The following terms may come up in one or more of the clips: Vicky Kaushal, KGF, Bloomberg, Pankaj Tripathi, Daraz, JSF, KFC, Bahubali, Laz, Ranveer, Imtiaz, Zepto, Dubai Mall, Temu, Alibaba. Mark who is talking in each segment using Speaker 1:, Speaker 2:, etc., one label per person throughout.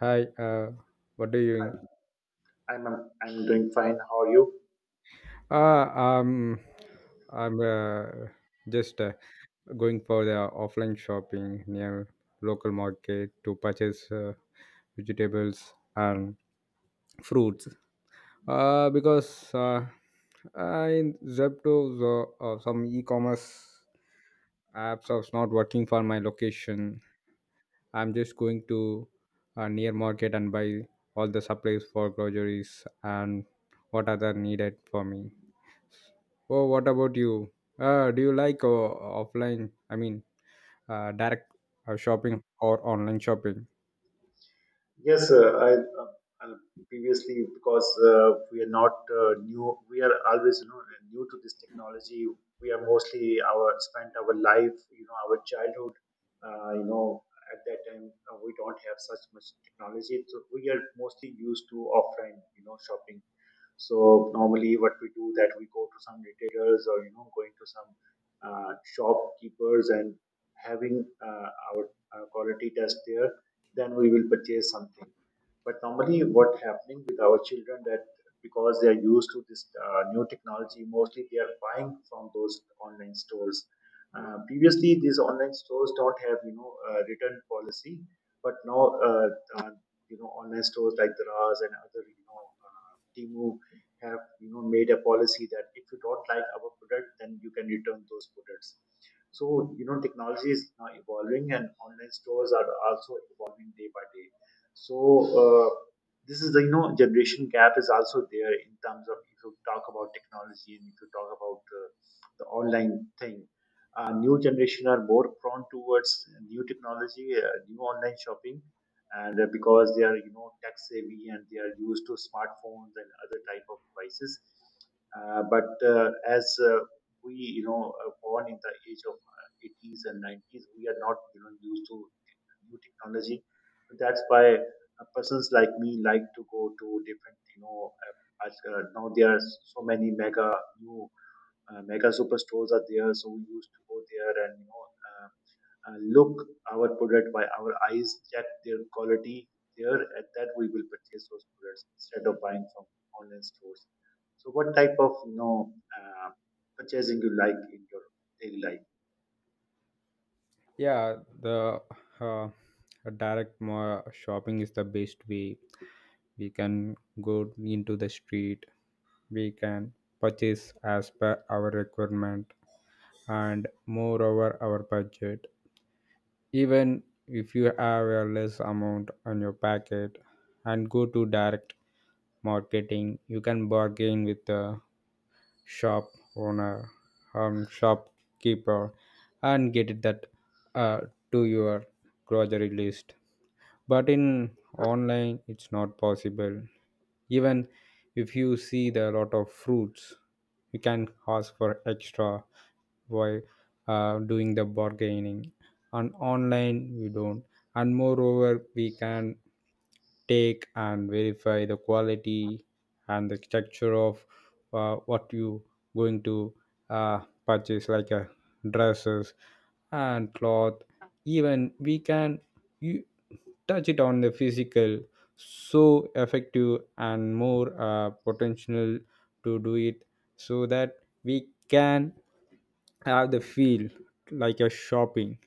Speaker 1: Hi, what are you doing?
Speaker 2: I'm doing fine. How are you?
Speaker 1: Uh, um, I'm just going for the offline shopping near local market to purchase vegetables and fruits. Because in Zepto, some e-commerce apps are not working for my location. I'm just going to near market and buy all the supplies for groceries and what other needed for me. Oh, what about you? Do you like offline? I mean, direct shopping or online shopping?
Speaker 2: Yes, uh, uh, previously because we are not new. We are always new to this technology. We are mostly our spent our life, you know, our childhood. Uh, you know, at that time we don't have such much technology, so we are mostly used to offline, you know, shopping. So normally, what we do that we go to some retailers or you know going to some shopkeepers and having our, our quality test there, then we will purchase something. But normally, what happening with our children that because they are used to this new technology, mostly they are buying from those online stores. Previously, these online stores don't have you know return policy, but now uh, you know online stores like Daraz and other you know Temu have you know made a policy that if you don't like our product, then you can return those products. So you know technology is now evolving and online stores are also evolving day by day. So uh, this is the you know generation gap is also there. In terms of if you talk about technology and if you talk about the online thing, new generation are more prone towards new technology, new online shopping, and because they are you know tech savvy and they are used to smartphones and other type of devices. Uh, but uh, as uh, we you know are born in the age of 80s and 90s. We are not you know used to new technology. That's why persons like me like to go to different you know now there are so many new mega superstores are there, so we used to go there and you know uh, look our product by our eyes, check their quality there, and then we will purchase those products instead of buying from online stores. So, what type of you know uh, purchasing you like in your daily life?
Speaker 1: Yeah, the uh, shopping is the best way. We can go into the street. We can purchase as per our requirement and moreover our budget. Even if you have a less amount on your packet and go to direct marketing, you can bargain with the shop owner, shopkeeper, and get it that uh, to your grocery list, but in online it's not possible. Even if you see the lot of fruits you can ask for extra while doing the bargaining. On online we don't, and moreover we can take and verify the quality and the structure of what you going to uh, purchase like a dresses and cloth. Even we can you touch it on the physical, so effective and more potential to do it, so that we can have the feel like a shopping.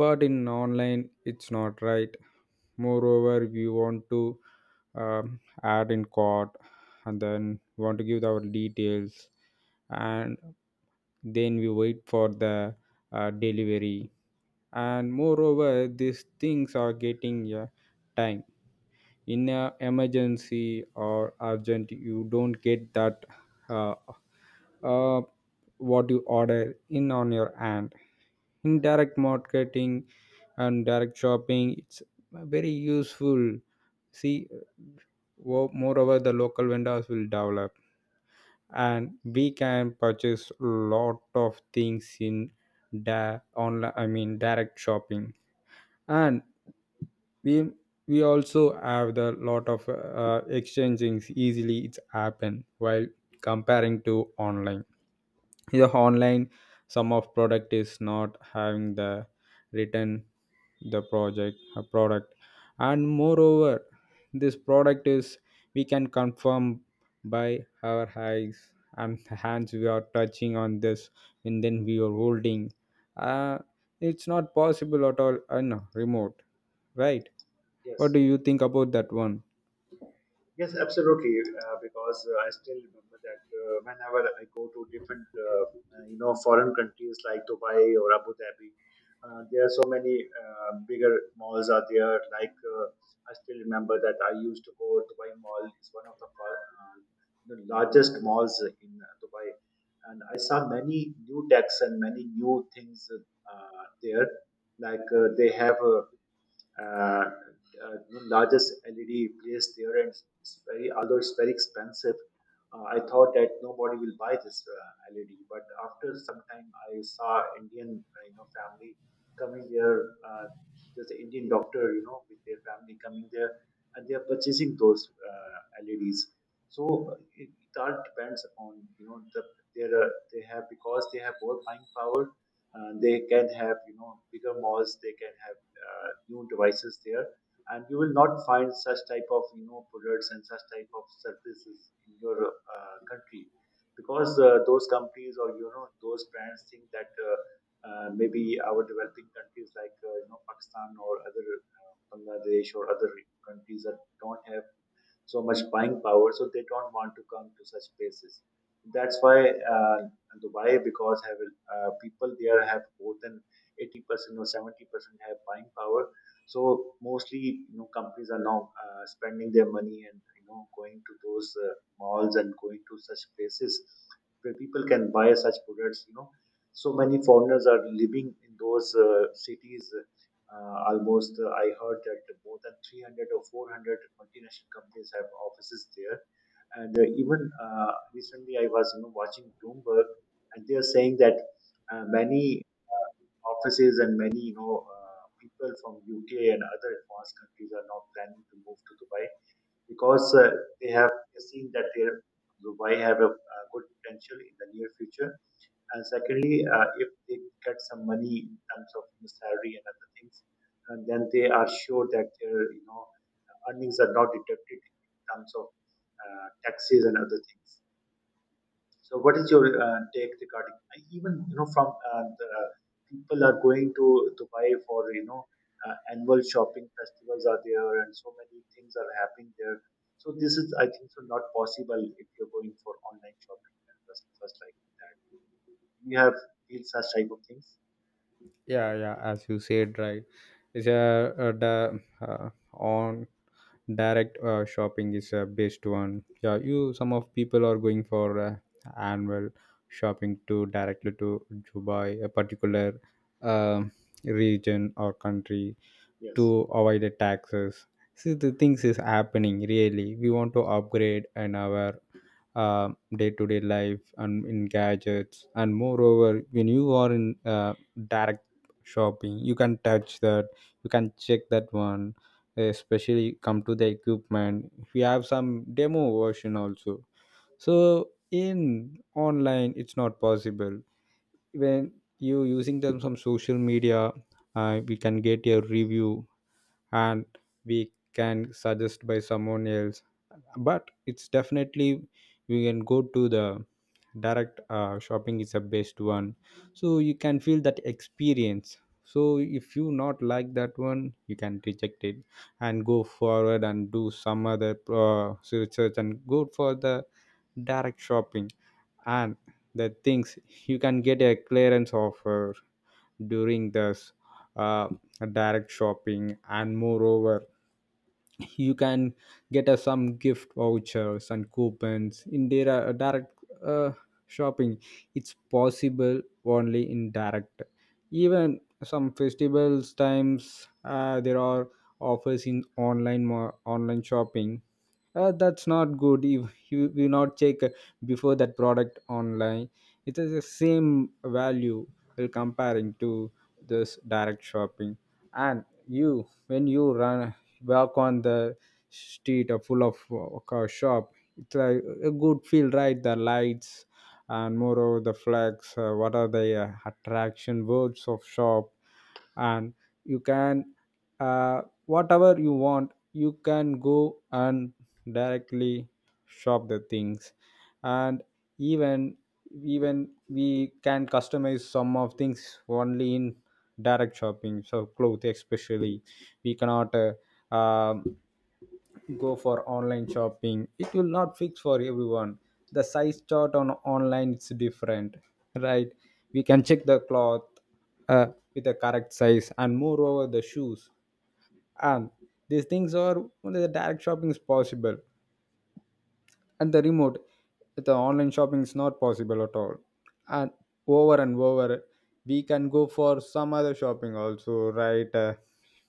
Speaker 1: But in online it's not right. Moreover we want to add in cart and then want to give our details and then we wait for the delivery, and moreover these things are getting time. In a emergency or urgent you don't get that uh, uh, what you order in on your hand. Indirect marketing and direct shopping it's very useful. See, moreover the local vendors will develop and we can purchase lot of things in online, I mean direct shopping. And we we also have the lot of exchangings easily it's happen while comparing to online. The online, some of product is not having the return, the project a product. And moreover this product is we can confirm by our eyes and the hands we are touching on this, and then we are holding. uh, it's not possible at all on a remote, right? What
Speaker 2: Yes.
Speaker 1: do you think about that one?
Speaker 2: Yes, absolutely. Because I still remember that whenever I go to different, you know, foreign countries like Dubai or Abu Dhabi, there are so many bigger malls are there. Like I still remember that I used to go Dubai Mall, is one of the the largest malls in Dubai, and I saw many new decks and many new things there. Like they have. Uh, uh, Largest LED placed there, and it's very although it's very expensive. I thought that nobody will buy this LED, but after some time, I saw Indian you know family coming there. Uh, there's an Indian doctor, you know, with their family coming there, and they are purchasing those LEDs. So it all depends upon you know they have, because they have more buying power. They can have you know bigger malls. They can have new devices there, and you will not find such type of you know products and such type of services in your country, because those companies or you know those brands think that maybe our developing countries like you know Pakistan or other Bangladesh or other countries that don't have so much buying power, so they don't want to come to such places. That's why Dubai, because have people there have more than 80% or 70% have buying power. So mostly, you know, companies are now spending their money and you know going to those malls and going to such places where people can buy such products. You know, so many foreigners are living in those cities. Almost, I heard that more than 300 or 400 multinational companies have offices there. And even recently, I was you know watching Bloomberg, and they are saying that many uh, offices and many you know people from UK and other advanced countries are now planning to move to Dubai, because they have seen that their Dubai have a good potential in the near future. And secondly, if they get some money in terms of you know salary and other things, and then they are sure that their you know earnings are not deducted in terms of taxes and other things. So, what is your take regarding I even you know from the people are going to Dubai for you know annual shopping festivals are there and so many things are happening there. So this is I think so not possible if you're going for online shopping and such, such like that. You have feel such type of things.
Speaker 1: Yeah, yeah, as you said, right, it's the on direct shopping is a best one. Yeah, you some of people are going for annual shopping to directly to Dubai, a particular um region or country
Speaker 2: Yes.
Speaker 1: to avoid the taxes. See, the things is happening really. We want to upgrade in our day to day life and in gadgets. And moreover, when you are in direct shopping, you can touch that, you can check that one, especially come to the equipment. We have some demo version also. So, in online, it's not possible. When you using them some social media, we can get a review and we can suggest by someone else, but it's definitely we can go to the direct shopping is the best one, so you can feel that experience. So if you not like that one you can reject it and go forward and do some other research and go for the direct shopping. And the things, you can get a clearance offer during this uh, direct shopping, and moreover you can get some gift vouchers and coupons in their direct uh, shopping. It's possible only in direct. Even some festivals times there are offers in online, online shopping. That's not good. If you will not check before that product online, it is the same value while comparing to this direct shopping. And you, when you run walk on the street full of car shop, it's like a good feel, right? The lights, and moreover the flags, what are the attraction words of shop. And you can whatever you want, you can go and directly shop the things. And even even we can customize some of things only in direct shopping. So clothes especially, we cannot um go for online shopping, it will not fix for everyone. The size chart on online is different, right? We can check the cloth uh, with the correct size, and moreover the shoes. And these things are only the direct shopping is possible. At the remote, the online shopping is not possible at all. And over and over, we can go for some other shopping also, right?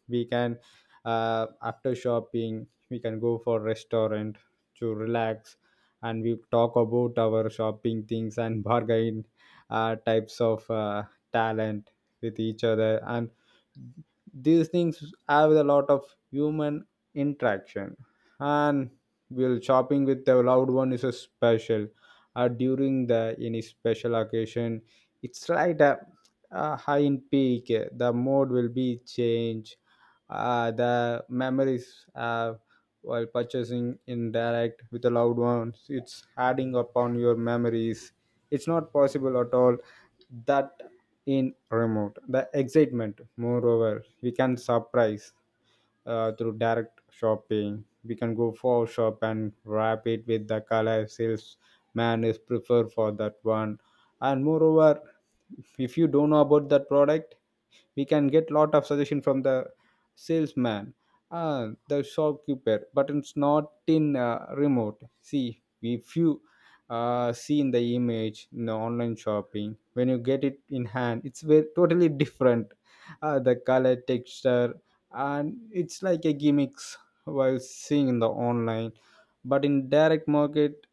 Speaker 1: We can after shopping we can go for restaurant to relax, and we talk about our shopping things and bargain types of talent with each other. And these things have a lot of human interaction. And well, shopping with a loved one is a special. During the any special occasion, it's like a high in peak. The mode will be changed. The memories while purchasing in direct with the loved ones, it's adding upon your memories. It's not possible at all that in remote. The excitement, moreover, we can surprise through direct shopping. We can go for shop and wrap it with the color salesman is preferred for that one. And moreover, if you don't know about that product, we can get lot of suggestion from the salesman, the shopkeeper, but it's not in remote. See, if you see in the image in the online shopping, when you get it in hand it's very totally different. The color texture, and it's like a gimmicks while seeing in the online. But in direct market,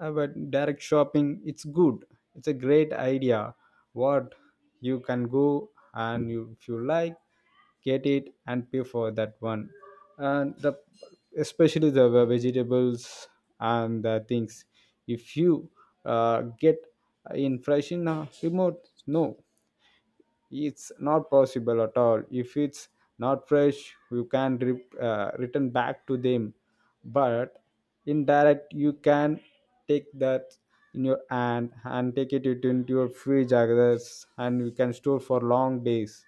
Speaker 1: but direct shopping, it's good. It's a great idea. What, you can go, and you, if you like, get it and pay for that one. And the especially the vegetables and the things, if you get in fresh in a remote, no, it's not possible at all. If it's not fresh you can return back to them. But indirect you can take that in your hand and take it into your fridge, I guess, and you can store for long days.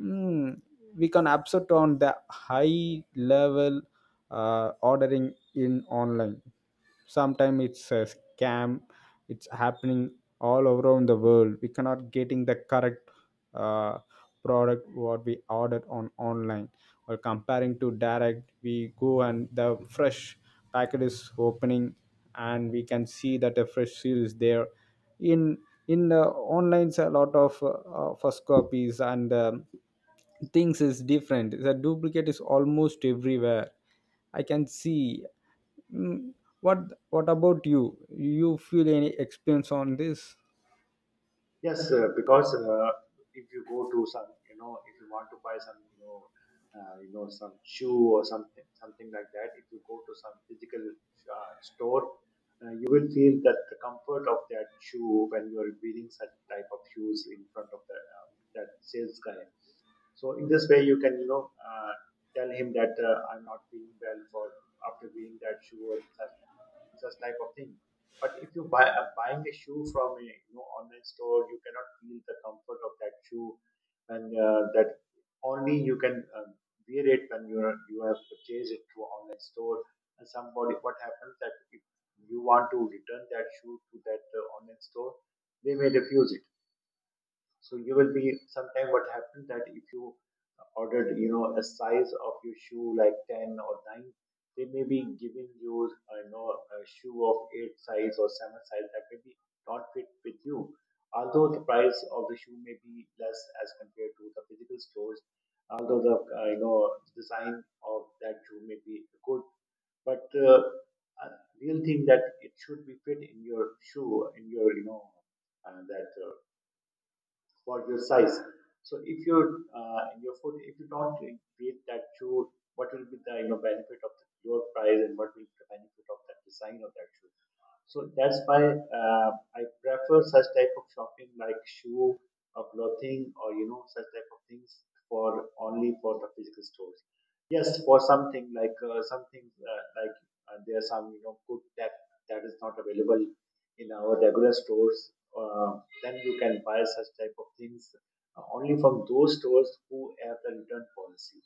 Speaker 1: Mm, we can upset on the high level ordering in online. Sometimes it's a scam. It's happening all around the world. We cannot getting the correct uh, product what we ordered on online. Or comparing to direct, we go and the fresh packet is opening, and we can see that a fresh seal is there in. Online a lot of first copies, and things is different, the duplicate is almost everywhere, I can see. Mm, what what about you, you feel any experience on this?
Speaker 2: Yes, because if you go to some, you know, if you want to buy some, you know, some shoe or something, something like that. If you go to some physical store, you will feel that the comfort of that shoe when you are wearing such type of shoes in front of the that sales guy. So in this way, you can, you know, tell him that I'm not feeling well for after wearing that shoe or such, such type of thing. But if you buying a shoe from a you know online store, you cannot feel the comfort of that shoe, and that only you can wear it when you are you have purchased it through online store. And somebody, what happens that if you want to return that shoe to that online store, they may refuse it. So you will be sometime what happened that if you ordered you know a size of your shoe like 10 or 9, they may be giving you you know a shoe of 8 size or 7 size that may be not fit with you. Although the price of the shoe may be less as compared to the physical stores, although the you know design of that shoe may be good, but uh, real thing that it should be fit in your shoe in your you know that for your size. So if your your foot, if you don't create that shoe, what will be the you know benefit of the lower price and what will be the benefit of that design of that shoe? So that's why I prefer such type of shopping like shoe or clothing or you know such type of things for only for the physical stores. Yes, for something like there are some you know good tech that is not available in our regular stores. Then you can buy such type of things only from those stores who have the return policy,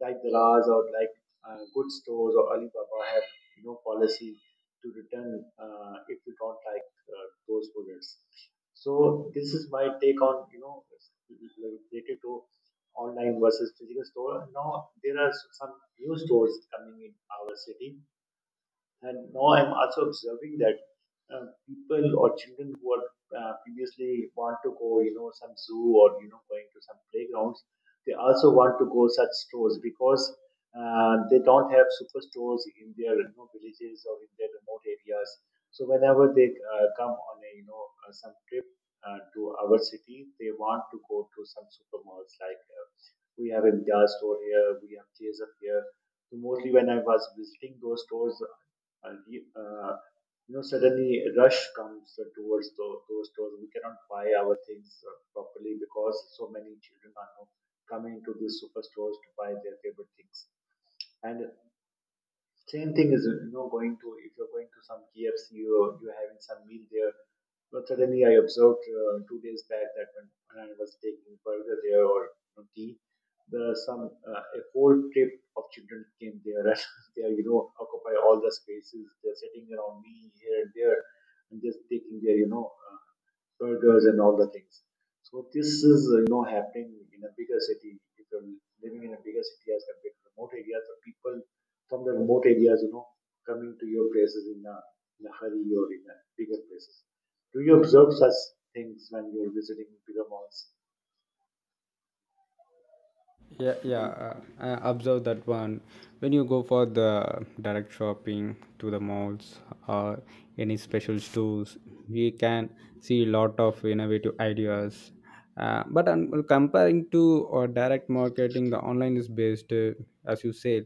Speaker 2: like the Laz or like good stores or Alibaba have you know policy to return if you don't like those products. So this is my take on you know related to online versus physical store. Now there are some new stores coming in our city, and now I'm also observing that people or children who are previously want to go, you know, some zoo or you know going to some playgrounds, they also want to go such stores, because they don't have superstores in their you know villages or in their remote areas. So whenever they come on a you know some trip to our city, they want to go to some supermalls like we have a Imtiaz store here, we have JSF here. So mostly when I was visiting those stores, and you know suddenly a rush comes towards those stores. We cannot buy our things properly because so many children are now coming to these superstores to buy their favorite things. And same thing is, you know, going to if you're going to some KFC or you're having some meal there. But suddenly, I observed 2 days back that when I was taking burger there or you know tea, the some a whole trip of children came there, and they are you know occupy all the spaces. They're sitting around me here and there and just taking their you know burgers and all the things. So this is you know happening in a bigger city. If you're living in a bigger city as compared to remote areas, the people from the remote areas, you know, coming to your places in in a hurry or in a bigger places. Do you observe such things when you're visiting bigger malls?
Speaker 1: Yeah, yeah, I observe that one. When you go for the direct shopping to the malls or any special stores, we can see a lot of innovative ideas. But Comparing to or direct marketing, the online is based, as you said,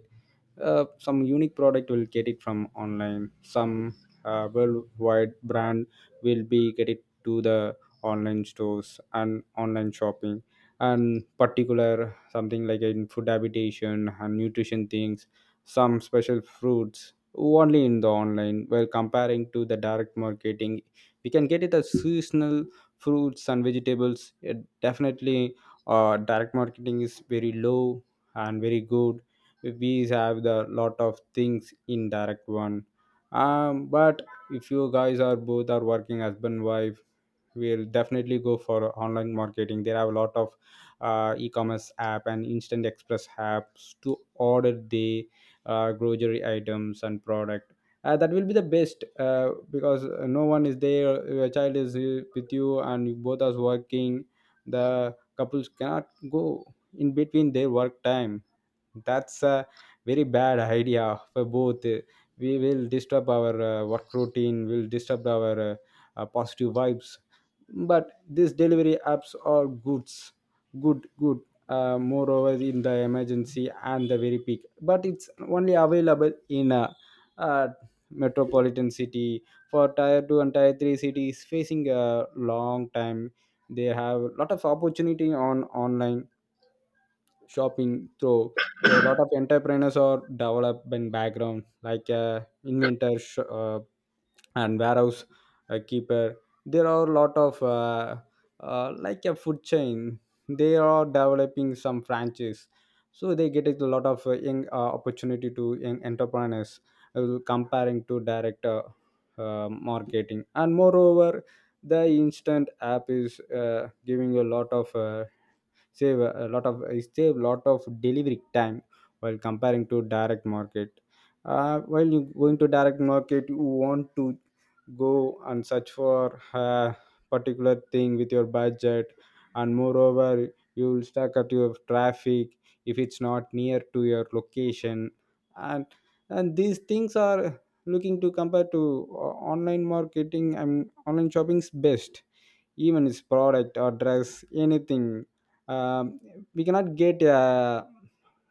Speaker 1: some unique product will get it from online, some
Speaker 2: Yes.
Speaker 1: worldwide brand will be get it to the online stores and online shopping. And particular something like in food habitation and nutrition things, some special fruits only in the online, while comparing to the direct marketing we can get it as seasonal fruits and vegetables. It definitely direct marketing is very low and very good. We have the lot of things in direct one. But if you guys are both are working husband wife, we'll definitely go for online marketing. There are a lot of e-commerce app and instant express apps to order the grocery items and product. That will be the best, because no one is there, your child is with you and you both are working. The couples cannot go in between their work time. That's a very bad idea for both. We will disturb our work routine, will disturb our positive vibes. But these delivery apps are goods, good good. Moreover in the emergency and the very peak, but it's only available in a, uh metropolitan city. For tier 2 and tier 3 cities facing a long time, they have a lot of opportunity on online shopping through a lot of entrepreneurs or development background like and warehouse keeper. There are a lot of like a food chain, they are developing some franchise, so they get a lot of young opportunity to young entrepreneurs comparing to direct marketing. And moreover the instant app is giving a lot of save lot of delivery time while comparing to direct market. While you going to direct market, you want to go and search for a particular thing with your budget. And moreover you will stuck at your traffic if it's not near to your location. And and these things are looking to compare To online marketing and online shopping's best, even its product or dress anything. um, we cannot get a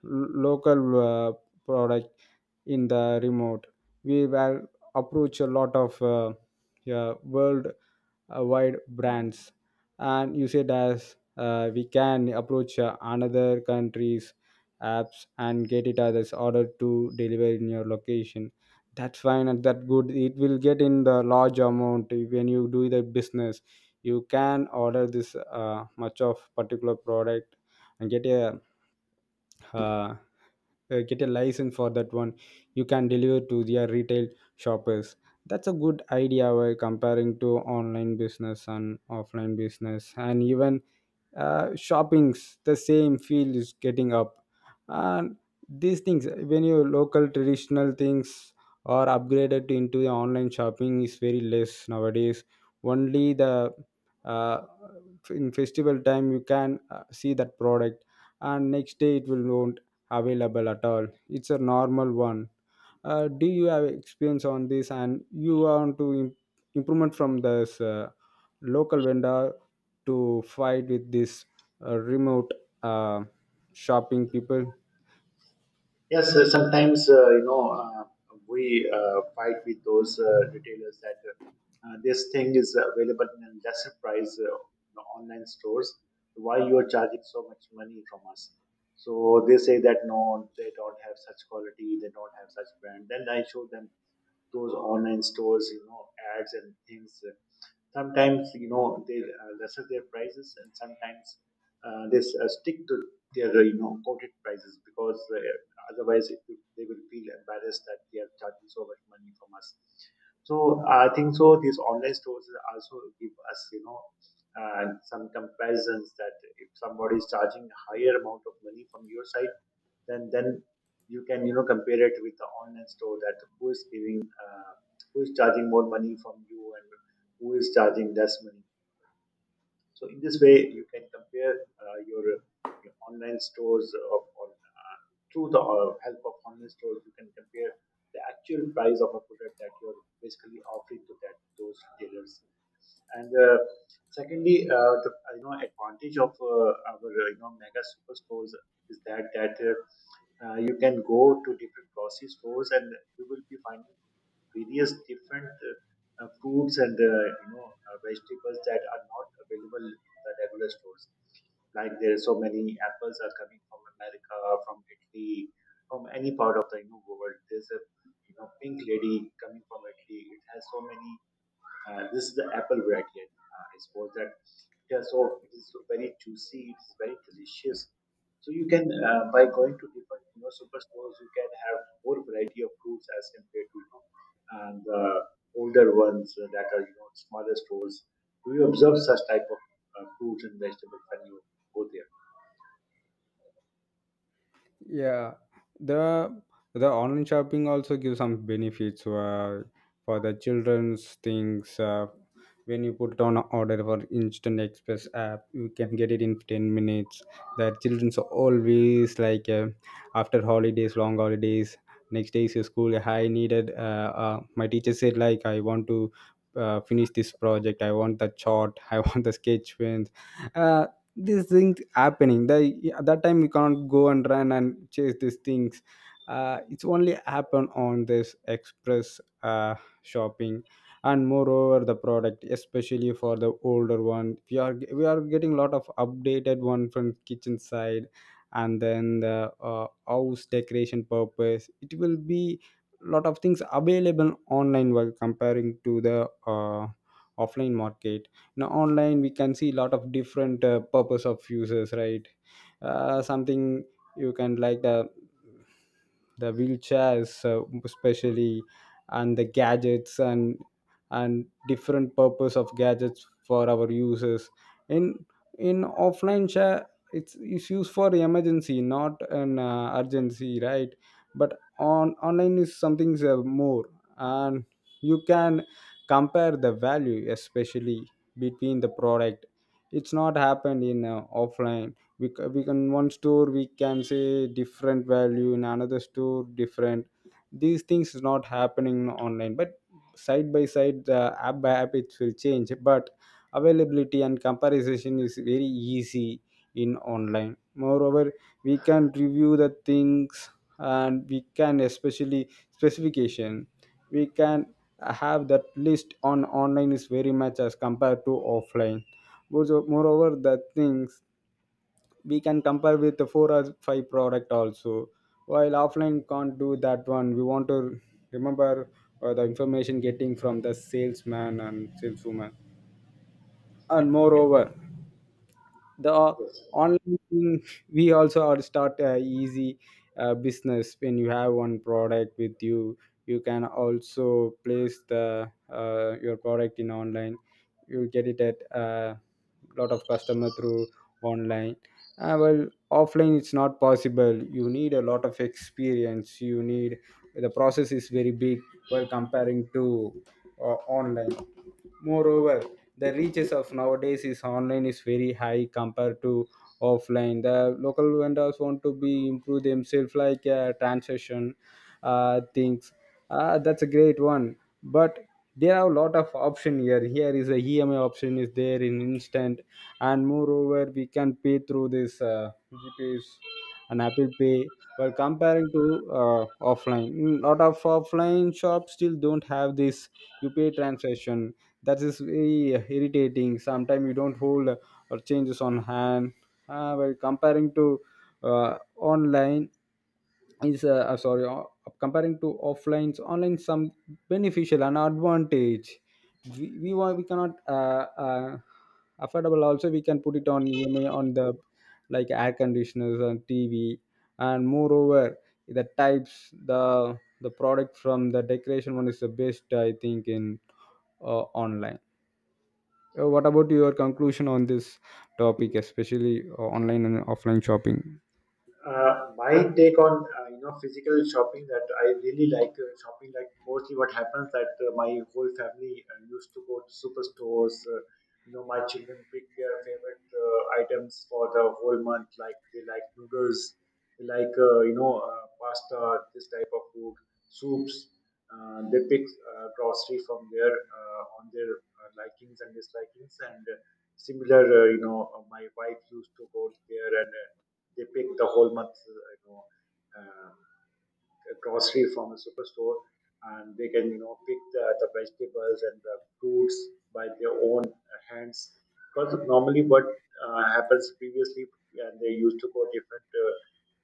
Speaker 1: local product in the remote. We will approach a lot of yeah, world wide brands. And you said as we can approach another countries apps and get it as order to deliver in your location. That's fine and that good, it will get in the large amount when you do the business. You can order this much of particular product and uh, get a license for that one. You can deliver to their retail shoppers. That's a good idea while comparing to online business and offline business. And even shoppings, the same feel is getting up. And these things, when your local traditional things are upgraded into the online shopping, is very less nowadays. Only the uh, in festival time you can see that product, and next day it will not available at all. It's a normal one. Uh, do you have experience on this, and you want to improvement from this local vendor to fight with this remote uh, shopping people?
Speaker 2: Yes, sometimes we fight with those retailers that this thing is available in a lesser price in the online stores. Why you are charging so much money from us? So they say that no, they don't have such quality, they don't have such brand. Then I show them those online stores, ads and things. Sometimes you know they lesser their prices, and sometimes they stick to their quoted prices because otherwise, they will feel embarrassed that they are charging so much money from us. So I think so, these online stores also give us, you know, some comparisons that if somebody is charging a higher amount of money from your side, then you can you know compare it with the online store, that who is giving who is charging more money from you and who is charging less money. So in this way, you can compare your online stores through the help of online stores. You can compare the actual price of a product that you're basically offering to that those retailers. And secondly, the advantage of our mega super stores is that you can go to different grocery stores and you will be finding various different fruits and vegetables that are not available in the regular stores. Like there are so many apples are coming from America, from Italy, from any part of the you know world. There's a you know pink lady coming from Italy. It has so many this is the apple variety. I suppose that it is so very juicy. It is very delicious. So you can by going to different you know superstores, you can have more variety of fruits as compared to you know, and the older ones that are you know smaller stores. Do you observe such type of fruits and vegetables when you go there?
Speaker 1: Yeah, the the online shopping also gives some benefits for the children's things. When you put on an order for instant express app, you can get it in 10 minutes. The children's always like after holidays, long holidays. Next day is your school. I needed. My teacher said like I want to finish this project. I want the chart. I want the sketch pens. Uh, these things happening the, at that time we can't go and run and chase these things. It's only happen on this express shopping. And moreover the product, especially for the older one, we are getting a lot of updated one from kitchen side. And then the house decoration purpose, it will be lot of things available online while comparing to the offline market. Now online we can see a lot of different purpose of users, right? Something you can like, the wheelchairs especially, and the gadgets and different purpose of gadgets for our users. in in offline share, it's used for emergency, not an urgency, right? But on online is something more. And you can compare the value, especially between the product. It's not happened in offline. We can one store, we can say different value, in another store different. These things is not happening online, but side by side, the app by app it will change. But availability and comparison is very easy in online. Moreover, we can review the things, and we can especially specification, we can have that list on online is very much as compared to offline. Also, moreover, the things we can compare with the four or five product also, while offline can't do that one. We want to remember the information getting from the salesman and saleswoman. And
Speaker 2: Yes.
Speaker 1: moreover, the
Speaker 2: Yes.
Speaker 1: online thing, we also are start a easy business. When you have one product with you, you can also place the your product in online. You get it at a lot of customer through online. Well offline it's not possible. You need a lot of experience, you need, the process is very big while comparing to online. Moreover, the reaches of nowadays is online is very high compared to offline. The local vendors want to be improve themselves like transaction things. That's a great one. But there are a lot of option here. Here is a EMI option is there in instant, and moreover we can pay through this GPs and Apple Pay. Well, comparing to uh, offline, Mm, lot of offline shops still don't have this UPI transaction. That is very irritating. Sometimes you don't hold or changes on hand while comparing to online is sorry comparing to offlines online some beneficial and advantage, we want we cannot affordable also we can put it on ema, on the like air conditioners and tv. And moreover, the types, the product from the decoration one is the best I think in online. What about your conclusion on this topic, especially online and offline shopping?
Speaker 2: My take on you know physical shopping, that I really like shopping. Like mostly what happens that my whole family used to go to superstores, you know my children pick their favorite items for the whole month. Like they like noodles, they like pasta, this type of food, soups. Uh, they pick grocery from there on their likings and dislikings, and similar my wife used to go there and they pick the whole month um, grocery from a superstore, and they can you know pick the vegetables and the fruits by their own hands. Because normally what happens previously and they used to go different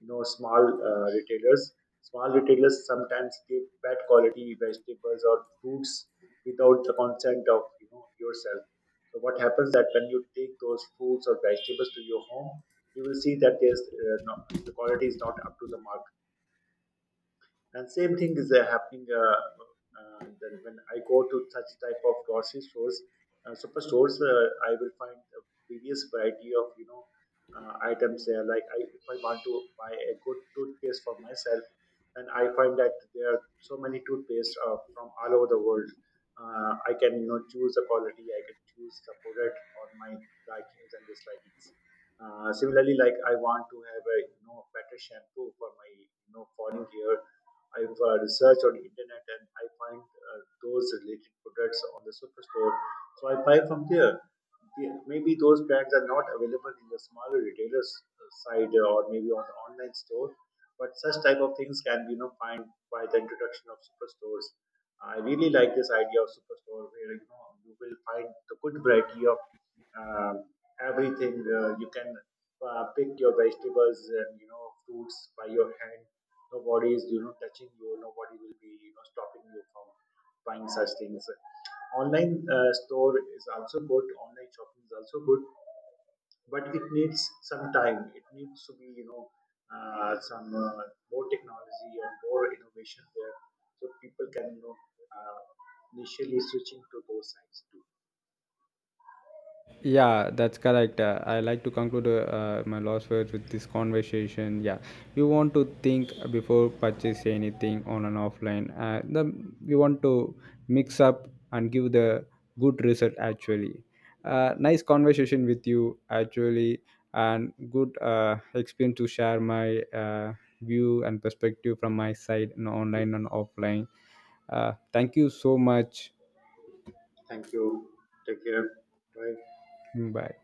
Speaker 2: you know small retailers. Small retailers sometimes give bad quality vegetables or fruits without the consent of you know yourself. So what happens that when you take those fruits or vegetables to your home, you will see that there's no, the quality is not up to the mark. And same thing is happening that when I go to such type of grocery stores, super stores, I will find a various variety of you know items there. Like I, if I want to buy a good toothpaste for myself, and I find that there are so many toothpaste from all over the world. I can you know choose the quality, I can choose the product on my likings and dislikings. Similarly, like I want to have a you know better shampoo for my you know falling hair. I've researched on the internet and I find those related products on the superstore. So I buy from there. Maybe those brands are not available in the smaller retailers uh, side, or maybe on the online store, but such type of things can be you know find by the introduction of superstores. I really like this idea of superstore where you know you will find the good variety of um, everything. You can pick your vegetables and you know fruits by your hand. Nobody is you know touching you. Nobody will be you know stopping you from buying such things. Online store is also good. Online shopping is also good, but it needs some time. It needs to be you know some more technology and more innovation there, so people can you know uh, initially switching to those sites too.
Speaker 1: Yeah, that's correct. I like to conclude my last words with this conversation. Yeah, you want to think before purchase anything on an offline. The you want to mix up and give the good result actually. Nice conversation with you actually, and good experience to share my view and perspective from my side in online and offline. Thank you so much.
Speaker 2: Thank you. Take care. Bye.
Speaker 1: Bye.